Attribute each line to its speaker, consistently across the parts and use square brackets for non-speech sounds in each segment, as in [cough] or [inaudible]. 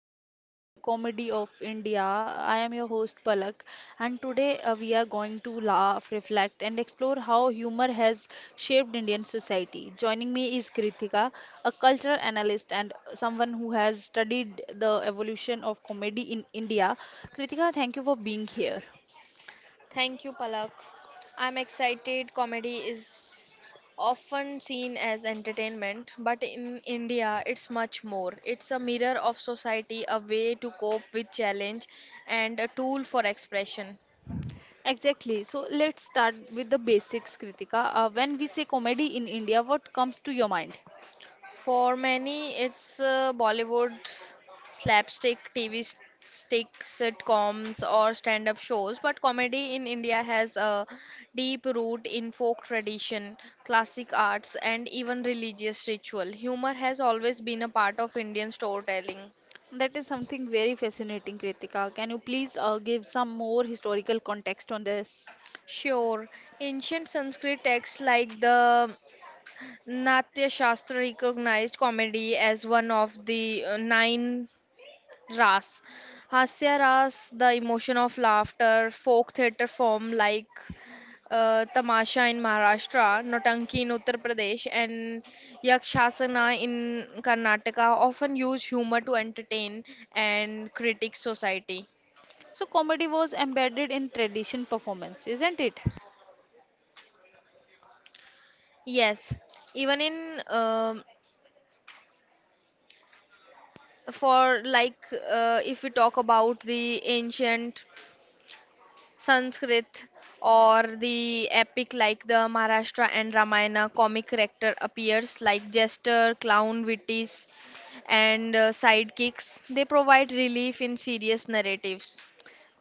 Speaker 1: series in the comedy of India. I am your host Palak, and today we are going to laugh, reflect, and explore how humor has shaped Indian society. Joining me is Kritika, a cultural analyst and someone who has studied the evolution of comedy in India. Kritika, thank you for being here.
Speaker 2: Thank you, Palak. I'm excited. Comedy is often seen as entertainment, but in India, it's much more. It's a mirror of society, a way to cope with challenge, and a tool for expression.
Speaker 1: Exactly. So let's start with the basics, Kritika. When we say comedy in India, what comes to your mind?
Speaker 2: For many, it's Bollywood slapstick, TV stick sitcoms, or stand-up shows. But comedy in India has a deep root in folk tradition, classic arts, and even religious ritual. Humor has always been a part of Indian storytelling.
Speaker 1: That is something very fascinating, Kritika. Can you please give some more historical context on this?
Speaker 2: Sure, ancient Sanskrit texts like the Natya Shastra recognized comedy as one of the nine Ras. Hasya Ras, the emotion of laughter, folk theatre form like Tamasha in Maharashtra, Notanki in Uttar Pradesh, and Yakshasana in Karnataka often use humor to entertain and critique society.
Speaker 1: So, comedy was embedded in tradition performance, isn't it?
Speaker 2: Yes, even in um for like if we talk about the ancient Sanskrit or the epic like the Maharashtra and Ramayana comic character appears like jester, clown, witties and sidekicks. They provide relief in serious narratives.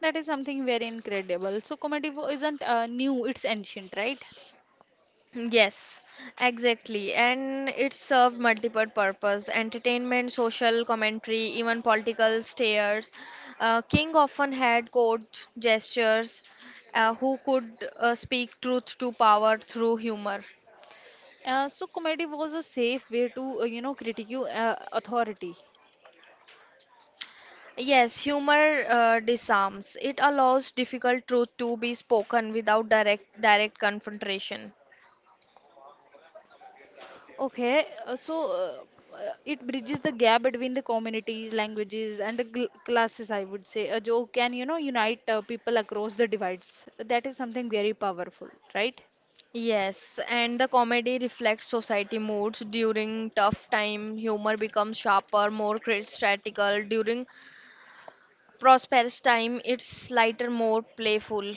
Speaker 1: That is something very incredible. So, isn't new, it's ancient, right?
Speaker 2: Yes, exactly. And it served multiple purpose, entertainment, social commentary, even political stares. King often had court gestures who could speak truth to power through humor.
Speaker 1: So, comedy was a safe way to, you know, critique authority.
Speaker 2: Yes, humor disarms. It allows difficult truth to be spoken without direct confrontation.
Speaker 1: Okay, it bridges the gap between the communities, languages, and the gl classes, I would say. A joke can, you know, unite people across the divides. That is something very powerful, right?
Speaker 2: Yes, and the comedy reflects society moods during tough time. Humor becomes sharper, more strategical. During prosperous time, it's lighter, more playful.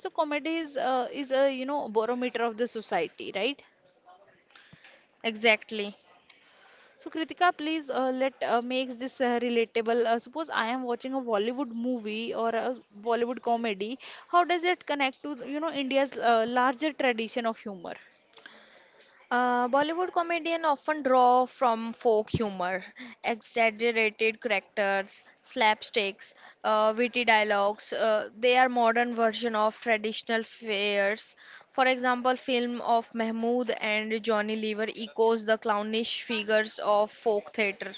Speaker 1: So comedy is a, you know, barometer of the society, right?
Speaker 2: Exactly.
Speaker 1: So Kritika, please let makes this relatable. Suppose I am watching a Bollywood movie or a Bollywood comedy. How does it connect to, you know, India's larger tradition of humor?
Speaker 2: Bollywood comedians often draw from folk humor, exaggerated characters, slapsticks, witty dialogues. They are modern version of traditional fairs. For example, film of Mahmood and Johnny Lever echoes the clownish figures of folk theatre.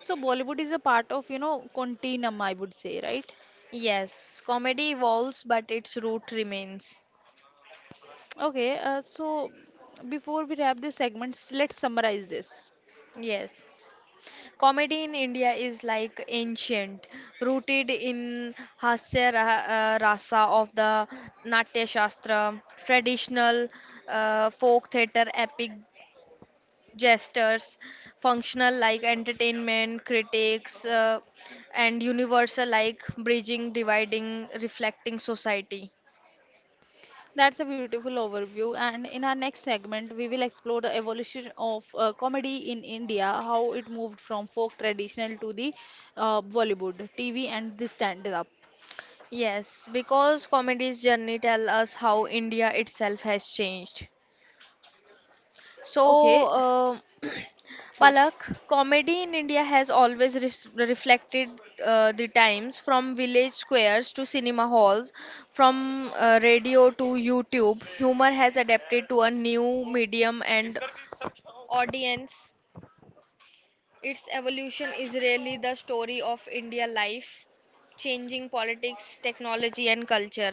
Speaker 1: So Bollywood is a part of, you know, continuum, I would say, right?
Speaker 2: Yes, comedy evolves, but its root remains.
Speaker 1: Okay, so before we wrap this segment, let's summarize this.
Speaker 2: Yes. Comedy in India is like ancient, rooted in Rasa of the Natya Shastra, traditional folk theatre, epic gestures, functional like entertainment, critics, and universal like bridging, dividing, reflecting society.
Speaker 1: That's a beautiful overview. And in our next segment, we will explore the evolution of comedy in India, how it moved from folk traditional to the Bollywood, TV, and the stand-up.
Speaker 2: Yes, because comedy's journey tell us how India itself has changed.
Speaker 1: Okay,
Speaker 2: So, [clears throat]
Speaker 1: yes.
Speaker 2: Palak, comedy in India has always reflected the times from village squares to cinema halls, from radio to YouTube. Humor has adapted to a new medium and audience. Its evolution is really the story of India life, changing politics, technology, and culture.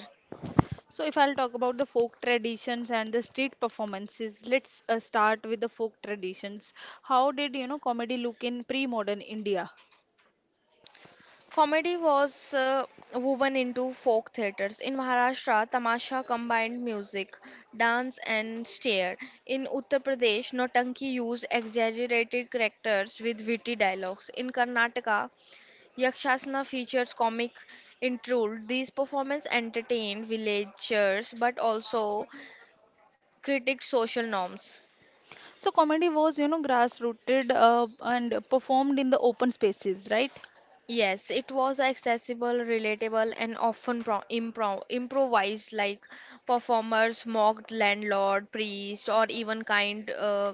Speaker 1: So, if I'll talk about the folk traditions and the street performances, let's start with the folk traditions. How did you know comedy look in pre-modern India?
Speaker 2: Comedy was woven into folk theatres. In Maharashtra, tamasha combined music, dance, and stare. In Uttar Pradesh, Notanki used exaggerated characters with witty dialogues. In Karnataka, Yakshasana features comic intrude. These performances entertained villagers but also critiqued social norms.
Speaker 1: So, comedy was you know grassrooted and performed in the open spaces, right?
Speaker 2: Yes, it was accessible, relatable, and often pro impro improvised, like performers mocked landlord, priest, or even kind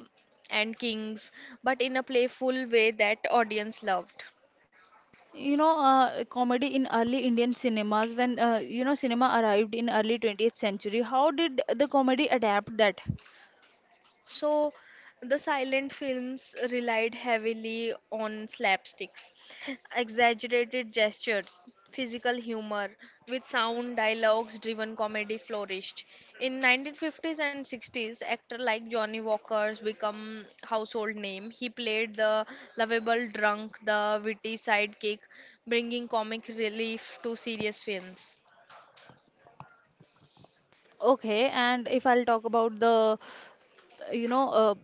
Speaker 2: and kings, but in a playful way that audience loved.
Speaker 1: You know, comedy in early Indian cinemas when you know cinema arrived in early 20th century. How did the comedy adapt that?
Speaker 2: So, the silent films relied heavily on slapsticks, exaggerated gestures, physical humor, with sound dialogues driven comedy flourished. In 1950s and 60s, actor like Johnny Walker's become household name. He played the lovable drunk, the witty sidekick, bringing comic relief to serious films.
Speaker 1: Okay, and if I'll talk about the you know uh,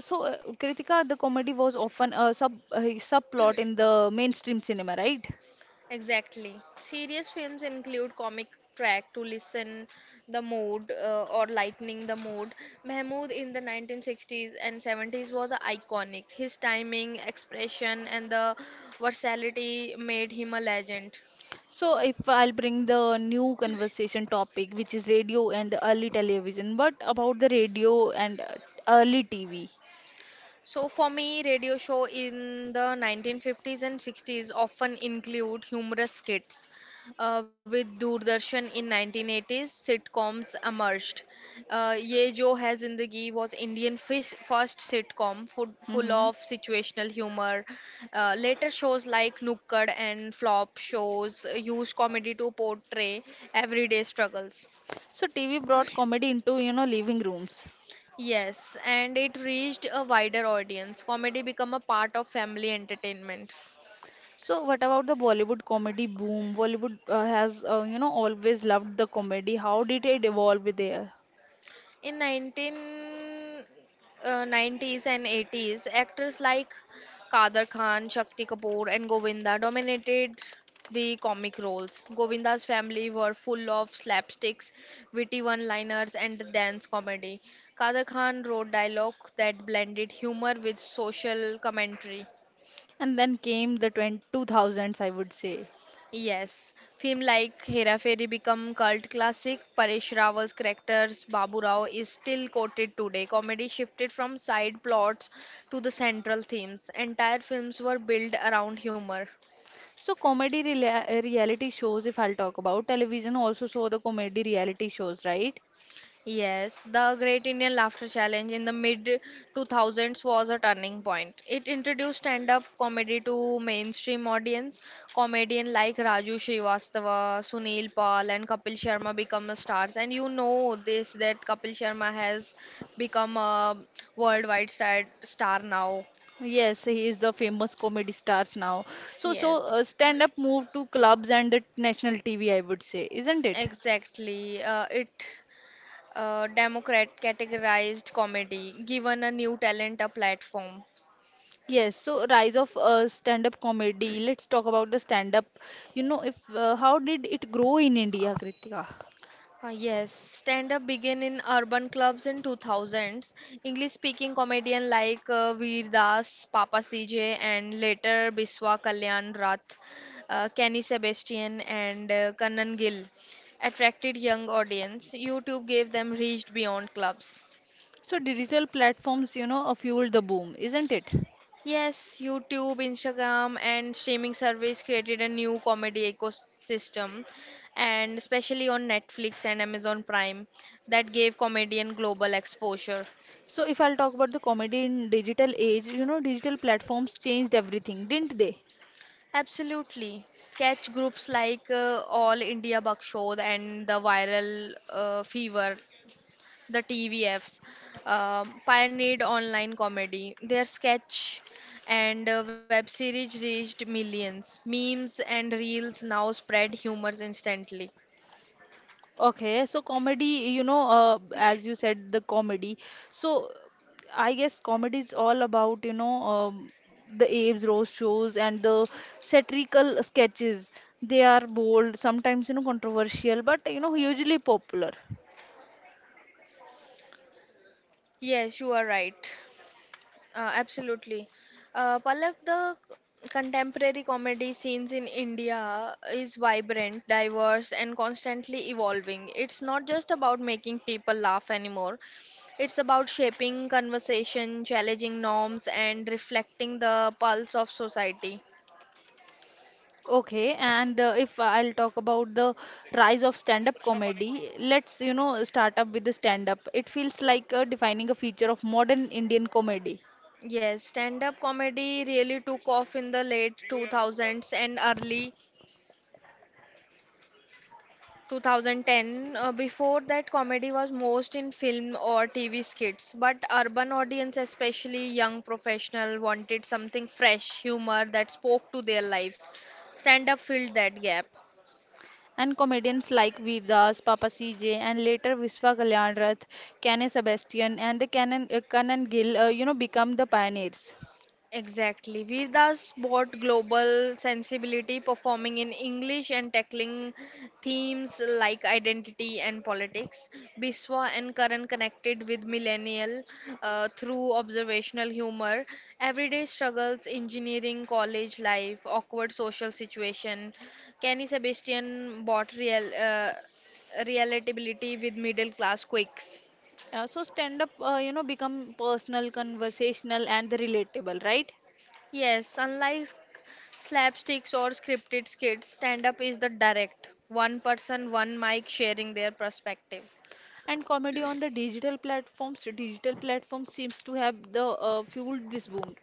Speaker 1: Kritika, the comedy was often a subplot in the mainstream cinema, right?
Speaker 2: Exactly. Serious films include comic track to listen the mood or lightening the mood. Mahmood in the 1960s and 70s was iconic. His timing, expression, and the versatility made him a legend.
Speaker 1: So if I'll bring the new conversation topic, which is radio and early television, but about the radio and early TV.
Speaker 2: So for me, radio show in the 1950s and 60s often include humorous skits. With Doordarshan in 1980s, sitcoms emerged. Ye Jo Hai Zindagi was Indian fish, first sitcom full
Speaker 1: Hmm.
Speaker 2: of situational humor. Later shows like Nukkad and Flop shows used comedy to portray everyday struggles.
Speaker 1: So TV brought comedy into, you know, living rooms.
Speaker 2: Yes, and it reached a wider audience. Comedy became a part of family entertainment.
Speaker 1: So what about the Bollywood comedy boom? Bollywood has, you know, always loved the comedy. How did it evolve there?
Speaker 2: In 1990s and 80s, actors like Kader Khan, Shakti Kapoor, and Govinda dominated the comic roles. Govinda's family were full of slapsticks, witty one-liners, and dance comedy. Kader Khan wrote dialogue that blended humor with social commentary.
Speaker 1: And then came the twenty two thousands, I would say.
Speaker 2: Yes, film like Hera Fairy become cult classic. Paresh Rawal's characters Babu Rao is still quoted today. Comedy shifted from side plots to the central themes. Entire films were built around humor.
Speaker 1: So reality shows, if I'll talk about television, also show the comedy reality shows, right?
Speaker 2: Yes, the Great Indian Laughter Challenge in the mid 2000s was a turning point. It introduced stand-up comedy to mainstream audience. Comedians like Raju Srivastava, Sunil Pal and Kapil Sharma become the stars and you know this that Kapil Sharma has become a worldwide star now.
Speaker 1: Yes, he is the famous comedy stars now. So, so
Speaker 2: Yes,
Speaker 1: uh, stand up moved to clubs and the national TV, I would say, isn't it?
Speaker 2: exactly. It democrat categorized comedy, given a new talent a platform.
Speaker 1: Yes, so rise of stand up comedy. Let's talk about the stand up. You know, if how did it grow in India, Kritika?
Speaker 2: Yes, stand up began in urban clubs in 2000s. English speaking comedian like Veer Das, Papa CJ, and later Biswa Kalyan Rath, Kenny Sebastian, and Kannan Gill attracted young audience. YouTube gave them reach beyond clubs.
Speaker 1: So digital platforms, you know, fueled the boom, isn't it?
Speaker 2: Yes, YouTube, Instagram, and streaming service created a new comedy ecosystem, and especially on Netflix and Amazon Prime, that gave comedian global exposure.
Speaker 1: So if I'll talk about the comedy in digital age, you know, digital platforms changed everything, didn't they?
Speaker 2: Absolutely. Sketch groups like All India Bakshod and the Viral Fever, the TVFs, pioneered online comedy. Their sketch and web series reached millions. Memes and reels now spread humors instantly.
Speaker 1: Okay, so comedy, you know, as you said, the comedy. So I guess comedy is all about, you know, the Abe's roast shows and the satirical sketches. They are bold, sometimes, you know, controversial, but, you know, hugely popular.
Speaker 2: Yes, you are right. Absolutely. Palak, the contemporary comedy scenes in India is vibrant, diverse, and constantly evolving. It's not just about making people laugh anymore, it's about shaping conversation, challenging norms, and reflecting the pulse of society.
Speaker 1: Okay, and if I'll talk about the rise of stand-up comedy, let's, you know, start up with the stand-up. It feels like defining a feature of modern Indian comedy.
Speaker 2: Yes, stand-up comedy really took off in the late 2000s and early 2010 before that comedy was most in film or tv skits but urban audience especially young professional wanted something fresh humor that spoke to their lives stand up filled that gap.
Speaker 1: And comedians like Veer Das, Papa CJ, and later Viswa Kalyan Rath, Kane Sebastian, and the Canon, Kanan Gill, you know, become the pioneers.
Speaker 2: Exactly. Vedas brought global sensibility, performing in English and tackling themes like identity and politics. Biswa and Karan connected with millennial through observational humor, everyday struggles, engineering, college life, awkward social situation. Kenny Sebastian brought relatability with middle class quirks.
Speaker 1: So stand-up, you know, become personal, conversational, and the relatable, right?
Speaker 2: Yes, unlike slapsticks or scripted skits, stand up is the direct, one person, one mic sharing their perspective.
Speaker 1: And comedy on the digital platforms seems to have the fueled this boom.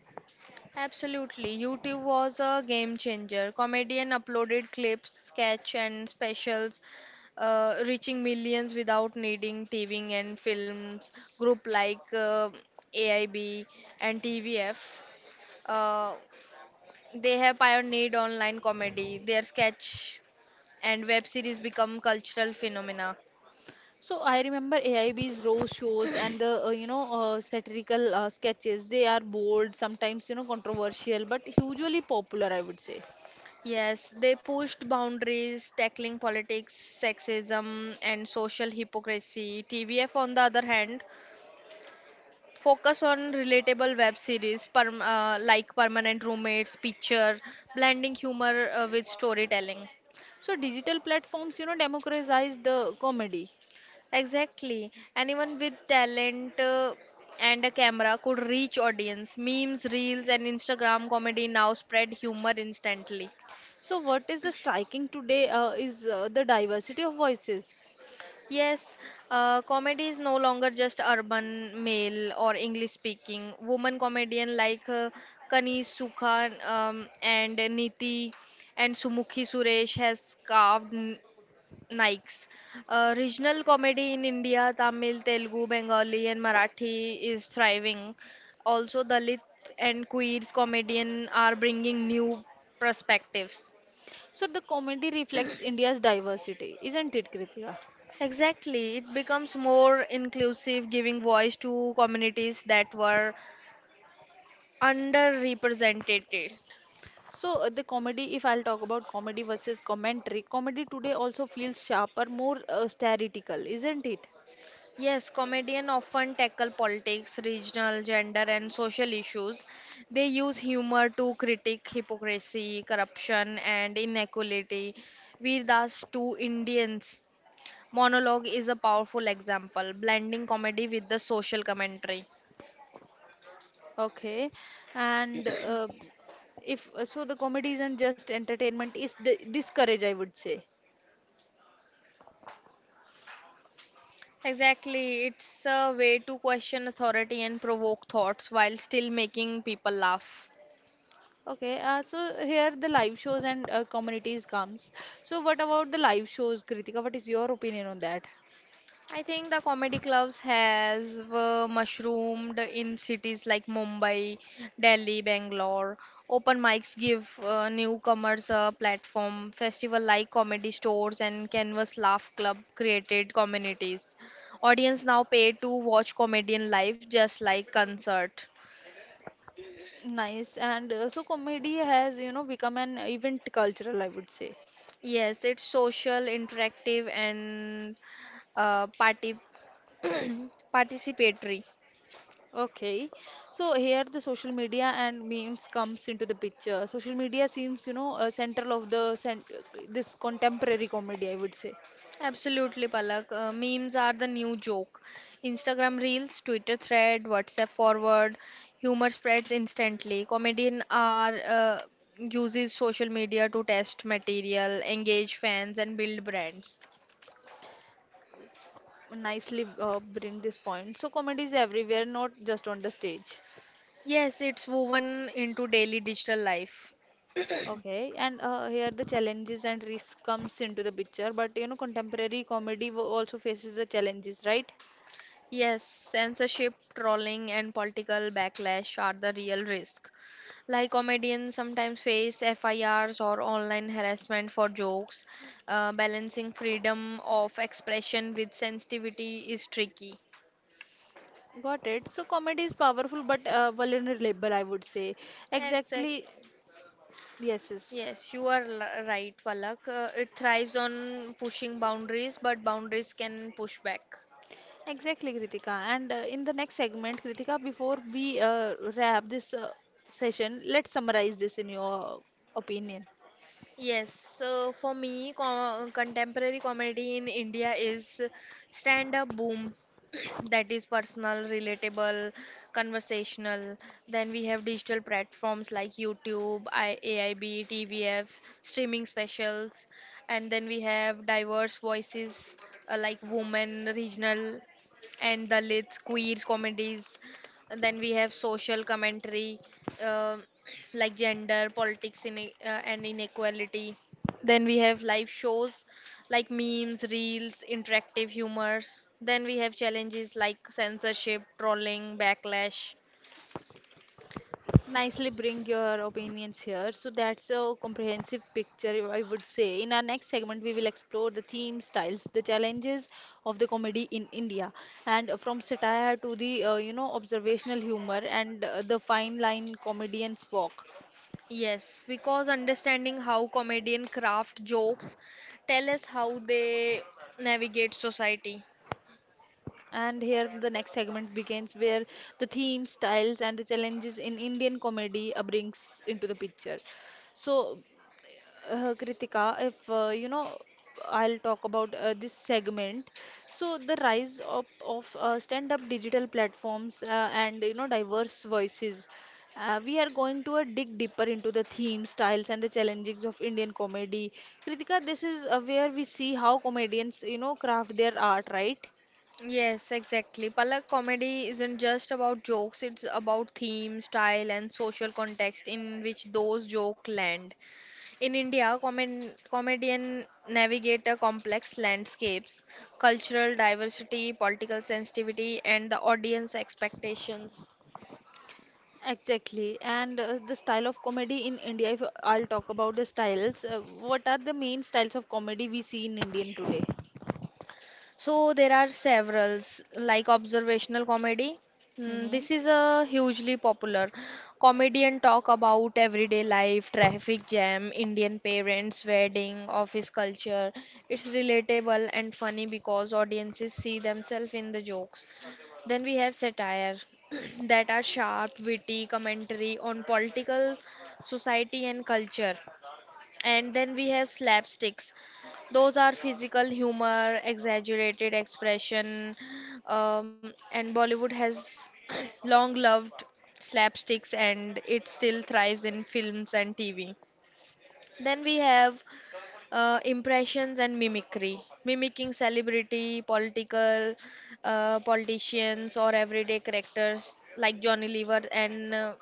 Speaker 2: Absolutely. YouTube was a game changer. Comedian uploaded clips, sketch and specials reaching millions without needing TV and films. Group like AIB and TVF, uh, they have pioneered online comedy. Their sketch and web series become cultural phenomena.
Speaker 1: So I remember AI B's row shows and the satirical sketches. They are bold, sometimes you know controversial, but hugely popular, I would say.
Speaker 2: Yes, they pushed boundaries, tackling politics, sexism, and social hypocrisy. TVF, on the other hand, focus on relatable web series perm like Permanent Roommates, Picture, blending humor with storytelling.
Speaker 1: So digital platforms you know democratize the comedy.
Speaker 2: Exactly. Anyone with talent and a camera could reach audience. Memes, reels, and Instagram comedy now spread humor instantly.
Speaker 1: So what is the striking today is the diversity of voices.
Speaker 2: Yes, comedy is no longer just urban male or English speaking. Woman comedian like Kani Sukha and Niti and Sumukhi Suresh has carved Nikes. Regional comedy in India, Tamil, Telugu, Bengali, and Marathi is thriving. Also, Dalit and queers comedian are bringing new perspectives.
Speaker 1: So the comedy reflects India's diversity, isn't it, Kritika?
Speaker 2: Exactly, it becomes more inclusive, giving voice to communities that were underrepresented.
Speaker 1: So the comedy, if I'll talk about comedy versus commentary, comedy today also feels sharper, more satirical, isn't it?
Speaker 2: Yes, comedians often tackle politics, regional, gender, and social issues. They use humor to critique hypocrisy, corruption, and inequality. Veer Das two Indians monologue is a powerful example, blending comedy with the social commentary.
Speaker 1: Okay, and if so, the comedy isn't just entertainment; it's discourage, I would say.
Speaker 2: Exactly. It's a way to question authority and provoke thoughts while still making people laugh.
Speaker 1: Okay, so here the live shows and communities comes. So what about the live shows, Kritika? What is your opinion on that?
Speaker 2: I think the comedy clubs has mushroomed in cities like Mumbai, Delhi, Bangalore. Open mics give newcomers a platform. Festival like comedy stores and Canvas Laugh Club created communities. Audience now pay to watch comedian live just like concert.
Speaker 1: Nice, and so comedy has you know become an event cultural, I would say.
Speaker 2: Yes, it's social, interactive, and party [clears throat] participatory.
Speaker 1: Okay, so here the social media and memes comes into the picture. Social media seems you know central of the cent this contemporary comedy, I would say.
Speaker 2: Absolutely, Palak. Memes are the new joke. Instagram reels, Twitter thread, WhatsApp forward, humor spreads instantly. Comedian are uses social media to test material, engage fans, and build brands.
Speaker 1: Nicely bring this point. So comedy is everywhere, not just on the stage.
Speaker 2: Yes, it's woven into daily digital life.
Speaker 1: Okay, and here the challenges and risk comes into the picture. But you know, contemporary comedy also faces the challenges, right?
Speaker 2: Yes, censorship, trolling, and political backlash are the real risk. Like comedians sometimes face FIRs or online harassment for jokes. Balancing freedom of expression with sensitivity is tricky.
Speaker 1: Got it. So comedy is powerful but vulnerable, I would say. Exactly.
Speaker 2: Exactly.
Speaker 1: Yes, yes.
Speaker 2: Yes, you are right, Palak. It thrives on pushing boundaries, but boundaries can push back.
Speaker 1: Exactly, Kritika. And in the next segment, Kritika, before we wrap this session, let's summarize this in your opinion.
Speaker 2: Yes, so for me, contemporary comedy in India is stand-up boom, [clears throat] that is personal, relatable, conversational. Then we have digital platforms like YouTube, AIB, TVF, streaming specials, and then we have diverse voices like women, regional, and Dalits, queers comedies. And then we have social commentary. um like gender, politics, and inequality. Then we have live shows like memes, reels, interactive humors. Then we have challenges like censorship, trolling, backlash.
Speaker 1: Nicely bring your opinions here. So that's a comprehensive picture, I would say. In our next segment, we will explore the themes, styles, the challenges of the comedy in India, and from satire to the you know observational humor and the fine line comedians walk.
Speaker 2: Yes, because understanding how comedian craft jokes tell us how they navigate society.
Speaker 1: And here the next segment begins where the themes, styles, and the challenges in Indian comedy brings into the picture. So Kritika, if you know, I'll talk about this segment. So the rise of stand-up digital platforms and you know diverse voices. We are going to dig deeper into the themes, styles, and the challenges of Indian comedy. Kritika, this is where we see how comedians you know craft their art, right?
Speaker 2: Yes, exactly. Palak comedy isn't just about jokes, it's about theme, style, and social context in which those jokes land. In India, comedian navigate a complex landscapes, cultural diversity, political sensitivity, and the audience expectations.
Speaker 1: Exactly. And the style of comedy in India, if I'll talk about the styles, what are the main styles of comedy we see in Indian today?
Speaker 2: So there are several like observational comedy. Mm,
Speaker 1: Mm-hmm.
Speaker 2: this is a hugely popular. Comedian talk about everyday life, traffic jam, Indian parents, wedding, office culture. It's relatable and funny because audiences see themselves in the jokes. Then we have satire [clears throat] that are sharp, witty commentary on political, society and culture. And then we have slapsticks. Those are physical humor, exaggerated expression, and Bollywood has [clears throat] long loved slapsticks and it still thrives in films and TV. Then we have impressions and mimicry, mimicking celebrity, political, politicians, or everyday characters like Johnny Lever and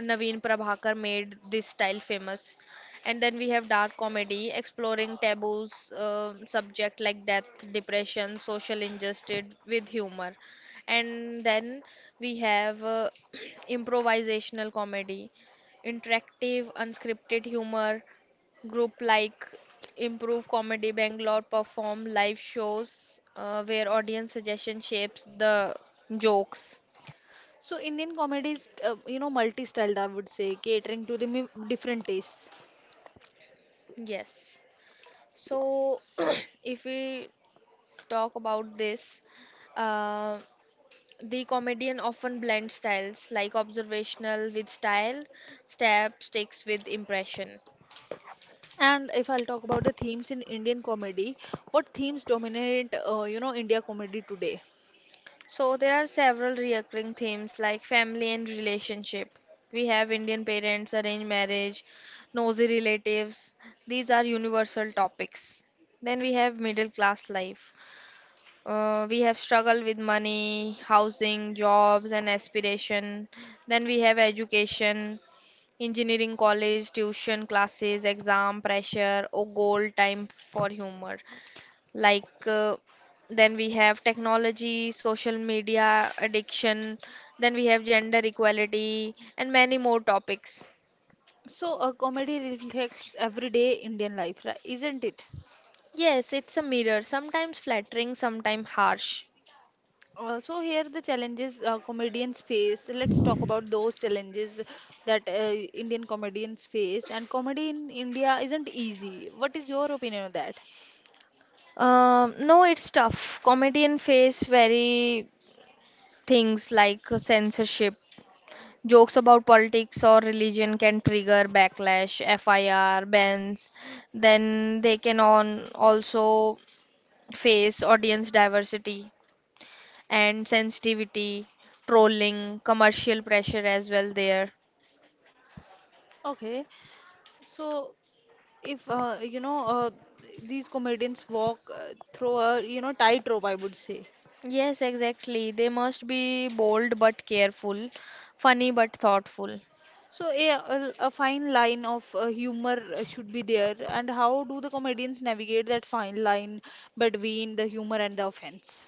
Speaker 2: Naveen Prabhakar made this style famous. And then we have dark comedy exploring taboos, subject like death, depression, social injustice with humor. And then we have [clears throat] improvisational comedy, interactive, unscripted humor, group like Improve Comedy Bangalore perform live shows where audience suggestion shapes the jokes.
Speaker 1: So Indian comedy is, you know, multi-styled, I would say, catering to the different tastes.
Speaker 2: Yes. So, [clears throat] if we talk about this, uh, the comedian often blends styles like observational with style, stab sticks with impression.
Speaker 1: And if I'll talk about the themes in Indian comedy, what themes dominate, you know, India comedy today?
Speaker 2: So, there are several recurring themes like family and relationship. We have Indian parents, arranged marriage, nosy relatives. These are universal topics. Then we have middle class life. We have struggled with money, housing, jobs, and aspiration. Then we have education, engineering college, tuition classes, exam pressure, or goal time for humor. Like, uh, then we have technology, social media addiction, then we have gender equality, and many more topics.
Speaker 1: So a comedy reflects everyday Indian life, right? Isn't it?
Speaker 2: Yes, it's a mirror, sometimes flattering, sometimes harsh.
Speaker 1: So here the challenges comedians face. Let's talk about those challenges that Indian comedians face. And comedy in India isn't easy. What is your opinion on that?
Speaker 2: No, it's tough. Comedian face very. Things like censorship, jokes about politics or religion can trigger backlash, FIR, bans. Then they can on also face audience diversity and sensitivity, trolling, commercial pressure as well there.
Speaker 1: Okay, so if you know these comedians walk through a you know tightrope, I would say.
Speaker 2: Yes, exactly. They must be bold but careful, funny but thoughtful.
Speaker 1: So a fine line of humor should be there, and how do the comedians navigate that fine line between the humor and the offense?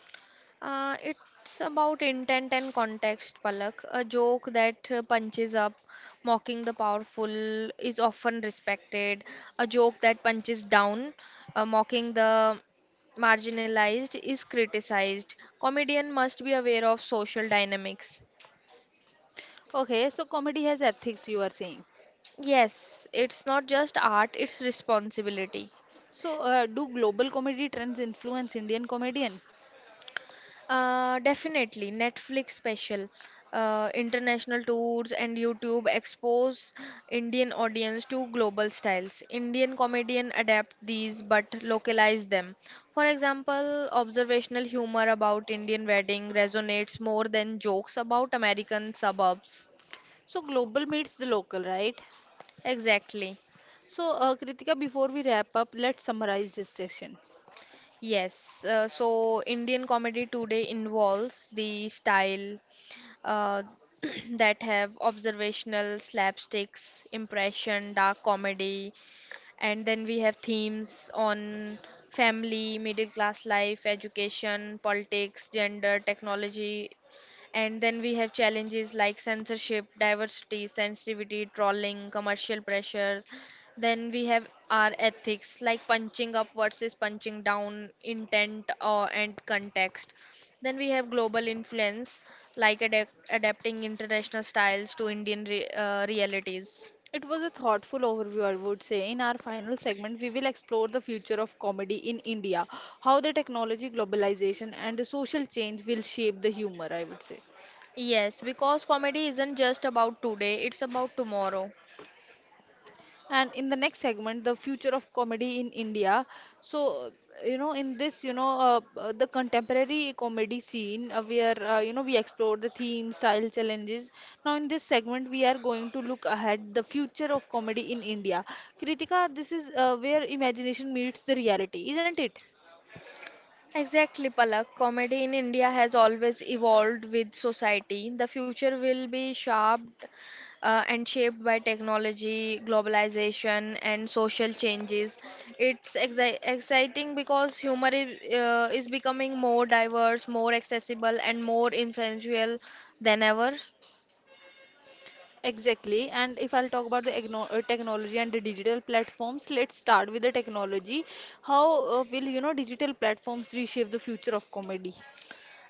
Speaker 2: It's about intent and context, Palak. A joke that punches up, mocking the powerful, is often respected. A joke that punches down, mocking the marginalized, is criticized. Comedian must be aware of social dynamics.
Speaker 1: Okay, so comedy has ethics, you are saying.
Speaker 2: Yes, it's not just art, it's responsibility.
Speaker 1: So do global comedy trends influence Indian comedian?
Speaker 2: Definitely, Netflix special, international tours and YouTube expose Indian audience to global styles. Indian comedian adapt these but localize them. For example, observational humor about Indian wedding resonates more than jokes about American suburbs.
Speaker 1: So global meets the local, right?
Speaker 2: Exactly.
Speaker 1: So Kritika, before we wrap up, let's summarize this session.
Speaker 2: Yes. So Indian comedy today involves the style, uh, [clears throat] that have observational slapsticks, impression, dark comedy, and then we have themes on family, middle class life, education, politics, gender, technology. And then we have challenges like censorship, diversity, sensitivity, trolling, commercial pressure. Then we have our ethics like punching up versus punching down, intent or and context. Then we have global influence like adapting international styles to Indian re realities.
Speaker 1: It was a thoughtful overview, I would say. In our final segment, we will explore the future of comedy in India, how the technology, globalization, and the social change will shape the humor, I would say.
Speaker 2: Yes, because comedy isn't just about today, it's about tomorrow.
Speaker 1: And in the next segment, the future of comedy in India. So, you know, in this, the contemporary comedy scene, where, you know, we explore the theme, style, challenges. Now, in this segment, we are going to look ahead the future of comedy in India. Kritika, this is where imagination meets the reality, isn't it?
Speaker 2: Exactly, Palak. Comedy in India has always evolved with society. The future will be shaped by technology, globalization, and social changes. It's exciting because humor is becoming more diverse, more accessible, and more influential than ever.
Speaker 1: Exactly. And if I'll talk about the technology and the digital platforms, let's start with the technology. How will, you know, digital platforms reshape the future of comedy?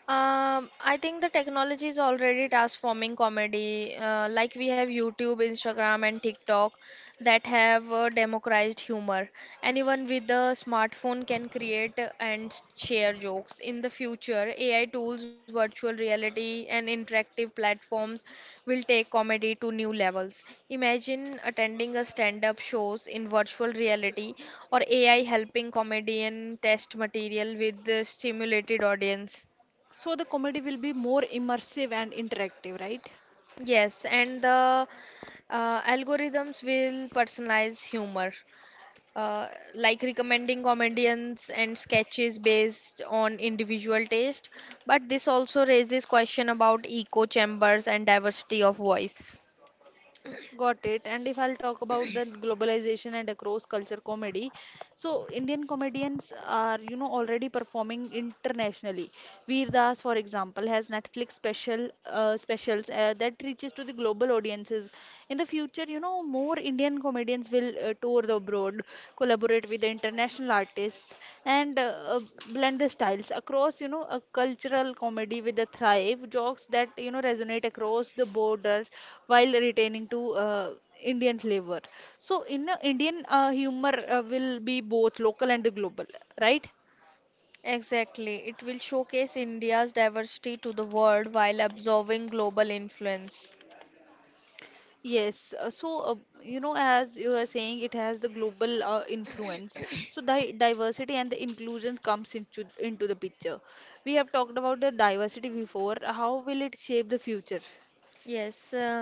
Speaker 2: I think the technology is already transforming comedy. Like we have YouTube, Instagram, and TikTok that have democratized humor. Anyone with a smartphone can create and share jokes. In the future, AI tools, virtual reality, and interactive platforms will take comedy to new levels. Imagine attending a stand-up shows in virtual reality or AI helping comedian test material with the stimulated audience.
Speaker 1: So the comedy will be more immersive and interactive, right?
Speaker 2: Yes, and the algorithms will personalize humor, uh, like recommending comedians and sketches based on individual taste. But this also raises question about echo chambers and diversity of voice.
Speaker 1: Got it. And if I'll talk about the globalization and across culture comedy, so Indian comedians are, you know, already performing internationally. Veer Das, for example, has Netflix specials that reaches to the global audiences. In the future, you know, more Indian comedians will tour the abroad, collaborate with the international artists, and uh, blend the styles across, you know, a cultural comedy with a thrive jokes that you know resonate across the border while retaining to Indian flavor. So, in a Indian humor will be both local and global, right?
Speaker 2: Exactly, it will showcase India's diversity to the world while absorbing global influence.
Speaker 1: Yes. So, you know, as you are saying, it has the global influence. So, di diversity and the inclusion comes into the picture. We have talked about the diversity before. How will it shape the future?
Speaker 2: Yes,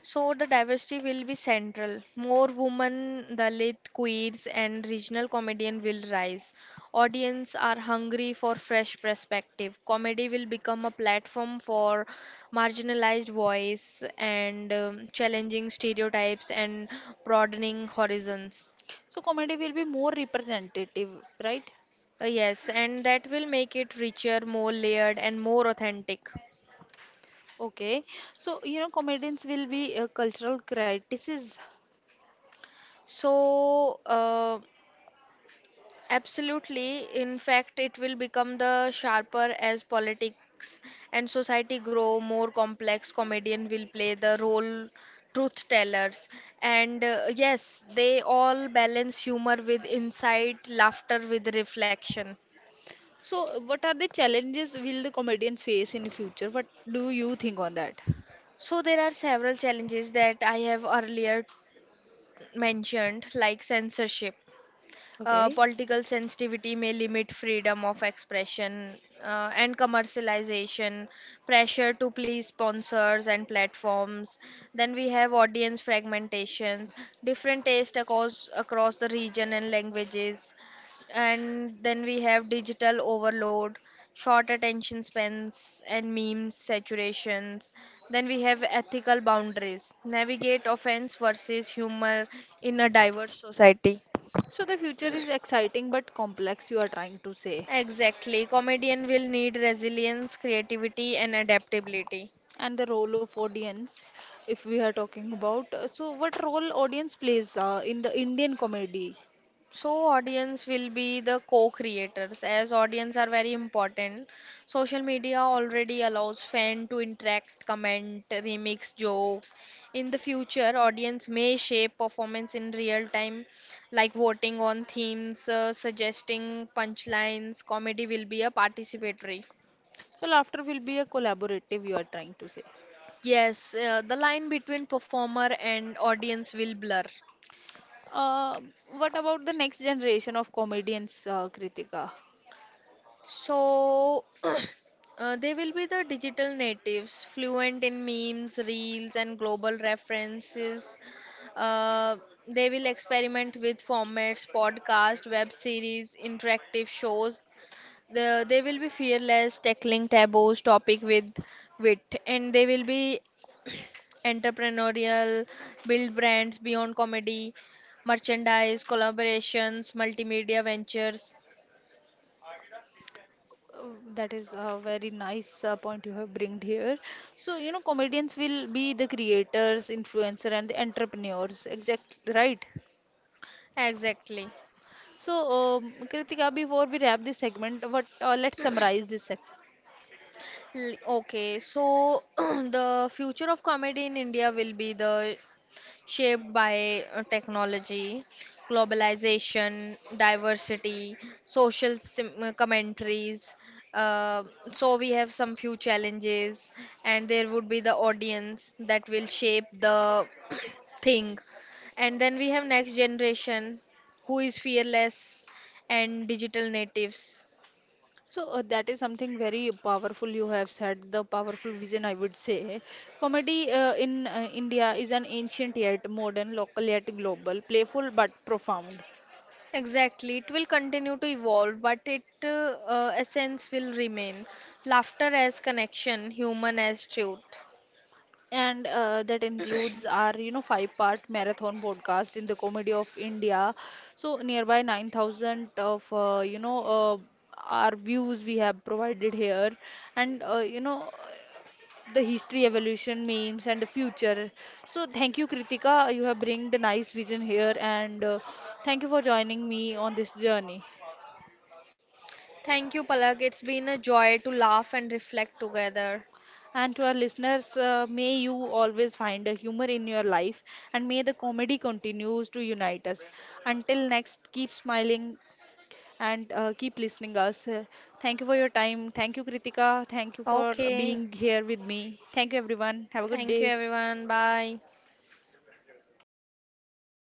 Speaker 2: so the diversity will be central. More women, Dalit, queers, and regional comedian will rise. Audience are hungry for fresh perspective. Comedy will become a platform for marginalized voice and challenging stereotypes and broadening horizons.
Speaker 1: So, comedy will be more representative, right?
Speaker 2: Yes, and that will make it richer, more layered, and more authentic.
Speaker 1: Okay, so you know, comedians will be cultural critics.
Speaker 2: So, uh, Absolutely. In fact, it will become the sharper as politics and society grow more complex. Comedian will play the role truth tellers, and yes, they all balance humor with insight, laughter with reflection.
Speaker 1: So, what are the challenges will the comedians face in future? What do you think on that?
Speaker 2: So there are several challenges that I have earlier mentioned, like censorship.
Speaker 1: Okay.
Speaker 2: Political sensitivity may limit freedom of expression and commercialization, pressure to please sponsors and platforms. Then we have audience fragmentations, different taste across the region and languages, and then we have digital overload, short attention spans and memes saturations. Then we have ethical boundaries, navigate offense versus humor in a diverse society.
Speaker 1: So the future is exciting but complex, you are trying to say.
Speaker 2: Exactly. Comedian will need resilience, creativity, and adaptability.
Speaker 1: And the role of audience, if we are talking about, so what role audience plays in the Indian comedy?
Speaker 2: So audience will be the co-creators as audience are very important. Social media already allows fan to interact, comment, remix jokes. In the future, audience may shape performance in real time, like voting on themes, suggesting punchlines. Comedy will be a participatory.
Speaker 1: So laughter will be a collaborative, you are trying to say.
Speaker 2: Yes, the line between performer and audience will blur.
Speaker 1: Uh, what about the next generation of comedians, Kritika?
Speaker 2: So, [clears throat] they will be the digital natives, fluent in memes, reels, and global references. Uh, they will experiment with formats, podcast, web series, interactive shows. They will be fearless, tackling taboos, topic with wit, and they will be [clears throat] entrepreneurial, build brands beyond comedy, merchandise, collaborations, multimedia ventures.
Speaker 1: Uh, That is a very nice point you have bringed here. So, you know, comedians will be the creators, influencer, and the entrepreneurs. Exact, right?
Speaker 2: Exactly.
Speaker 1: So, Kritika, before we wrap this segment, what let's summarize this seg-
Speaker 2: Okay, so [clears throat] the future of comedy in India will be the shaped by technology, globalization, diversity, commentaries. Uh, so we have some few challenges, and there would be the audience that will shape the thing. And then we have next generation who is fearless and digital natives.
Speaker 1: So, that is something very powerful you have said, the powerful vision, I would say. Comedy in India is an ancient yet modern, local yet global, playful but profound.
Speaker 2: Exactly. It will continue to evolve, but its essence will remain. Laughter as connection, human as truth.
Speaker 1: And that includes our, you know, five-part marathon podcast in the comedy of India. So nearby 9,000 of, our views we have provided here, and you know, the history, evolution, memes, and the future. So thank you, Kritika. You have bring the nice vision here, and thank you for joining me on this journey.
Speaker 2: Thank you, Palak. It's been a joy to laugh and reflect together.
Speaker 1: And to our listeners, may you always find a humor in your life and may the comedy continues to unite us. Until next, keep smiling and keep listening us. Thank you for your time. Thank you, Kritika. Thank you for
Speaker 2: Okay.
Speaker 1: being here with me. Thank you, everyone. Have a good
Speaker 2: Thank you,
Speaker 1: day.
Speaker 2: everyone. Bye.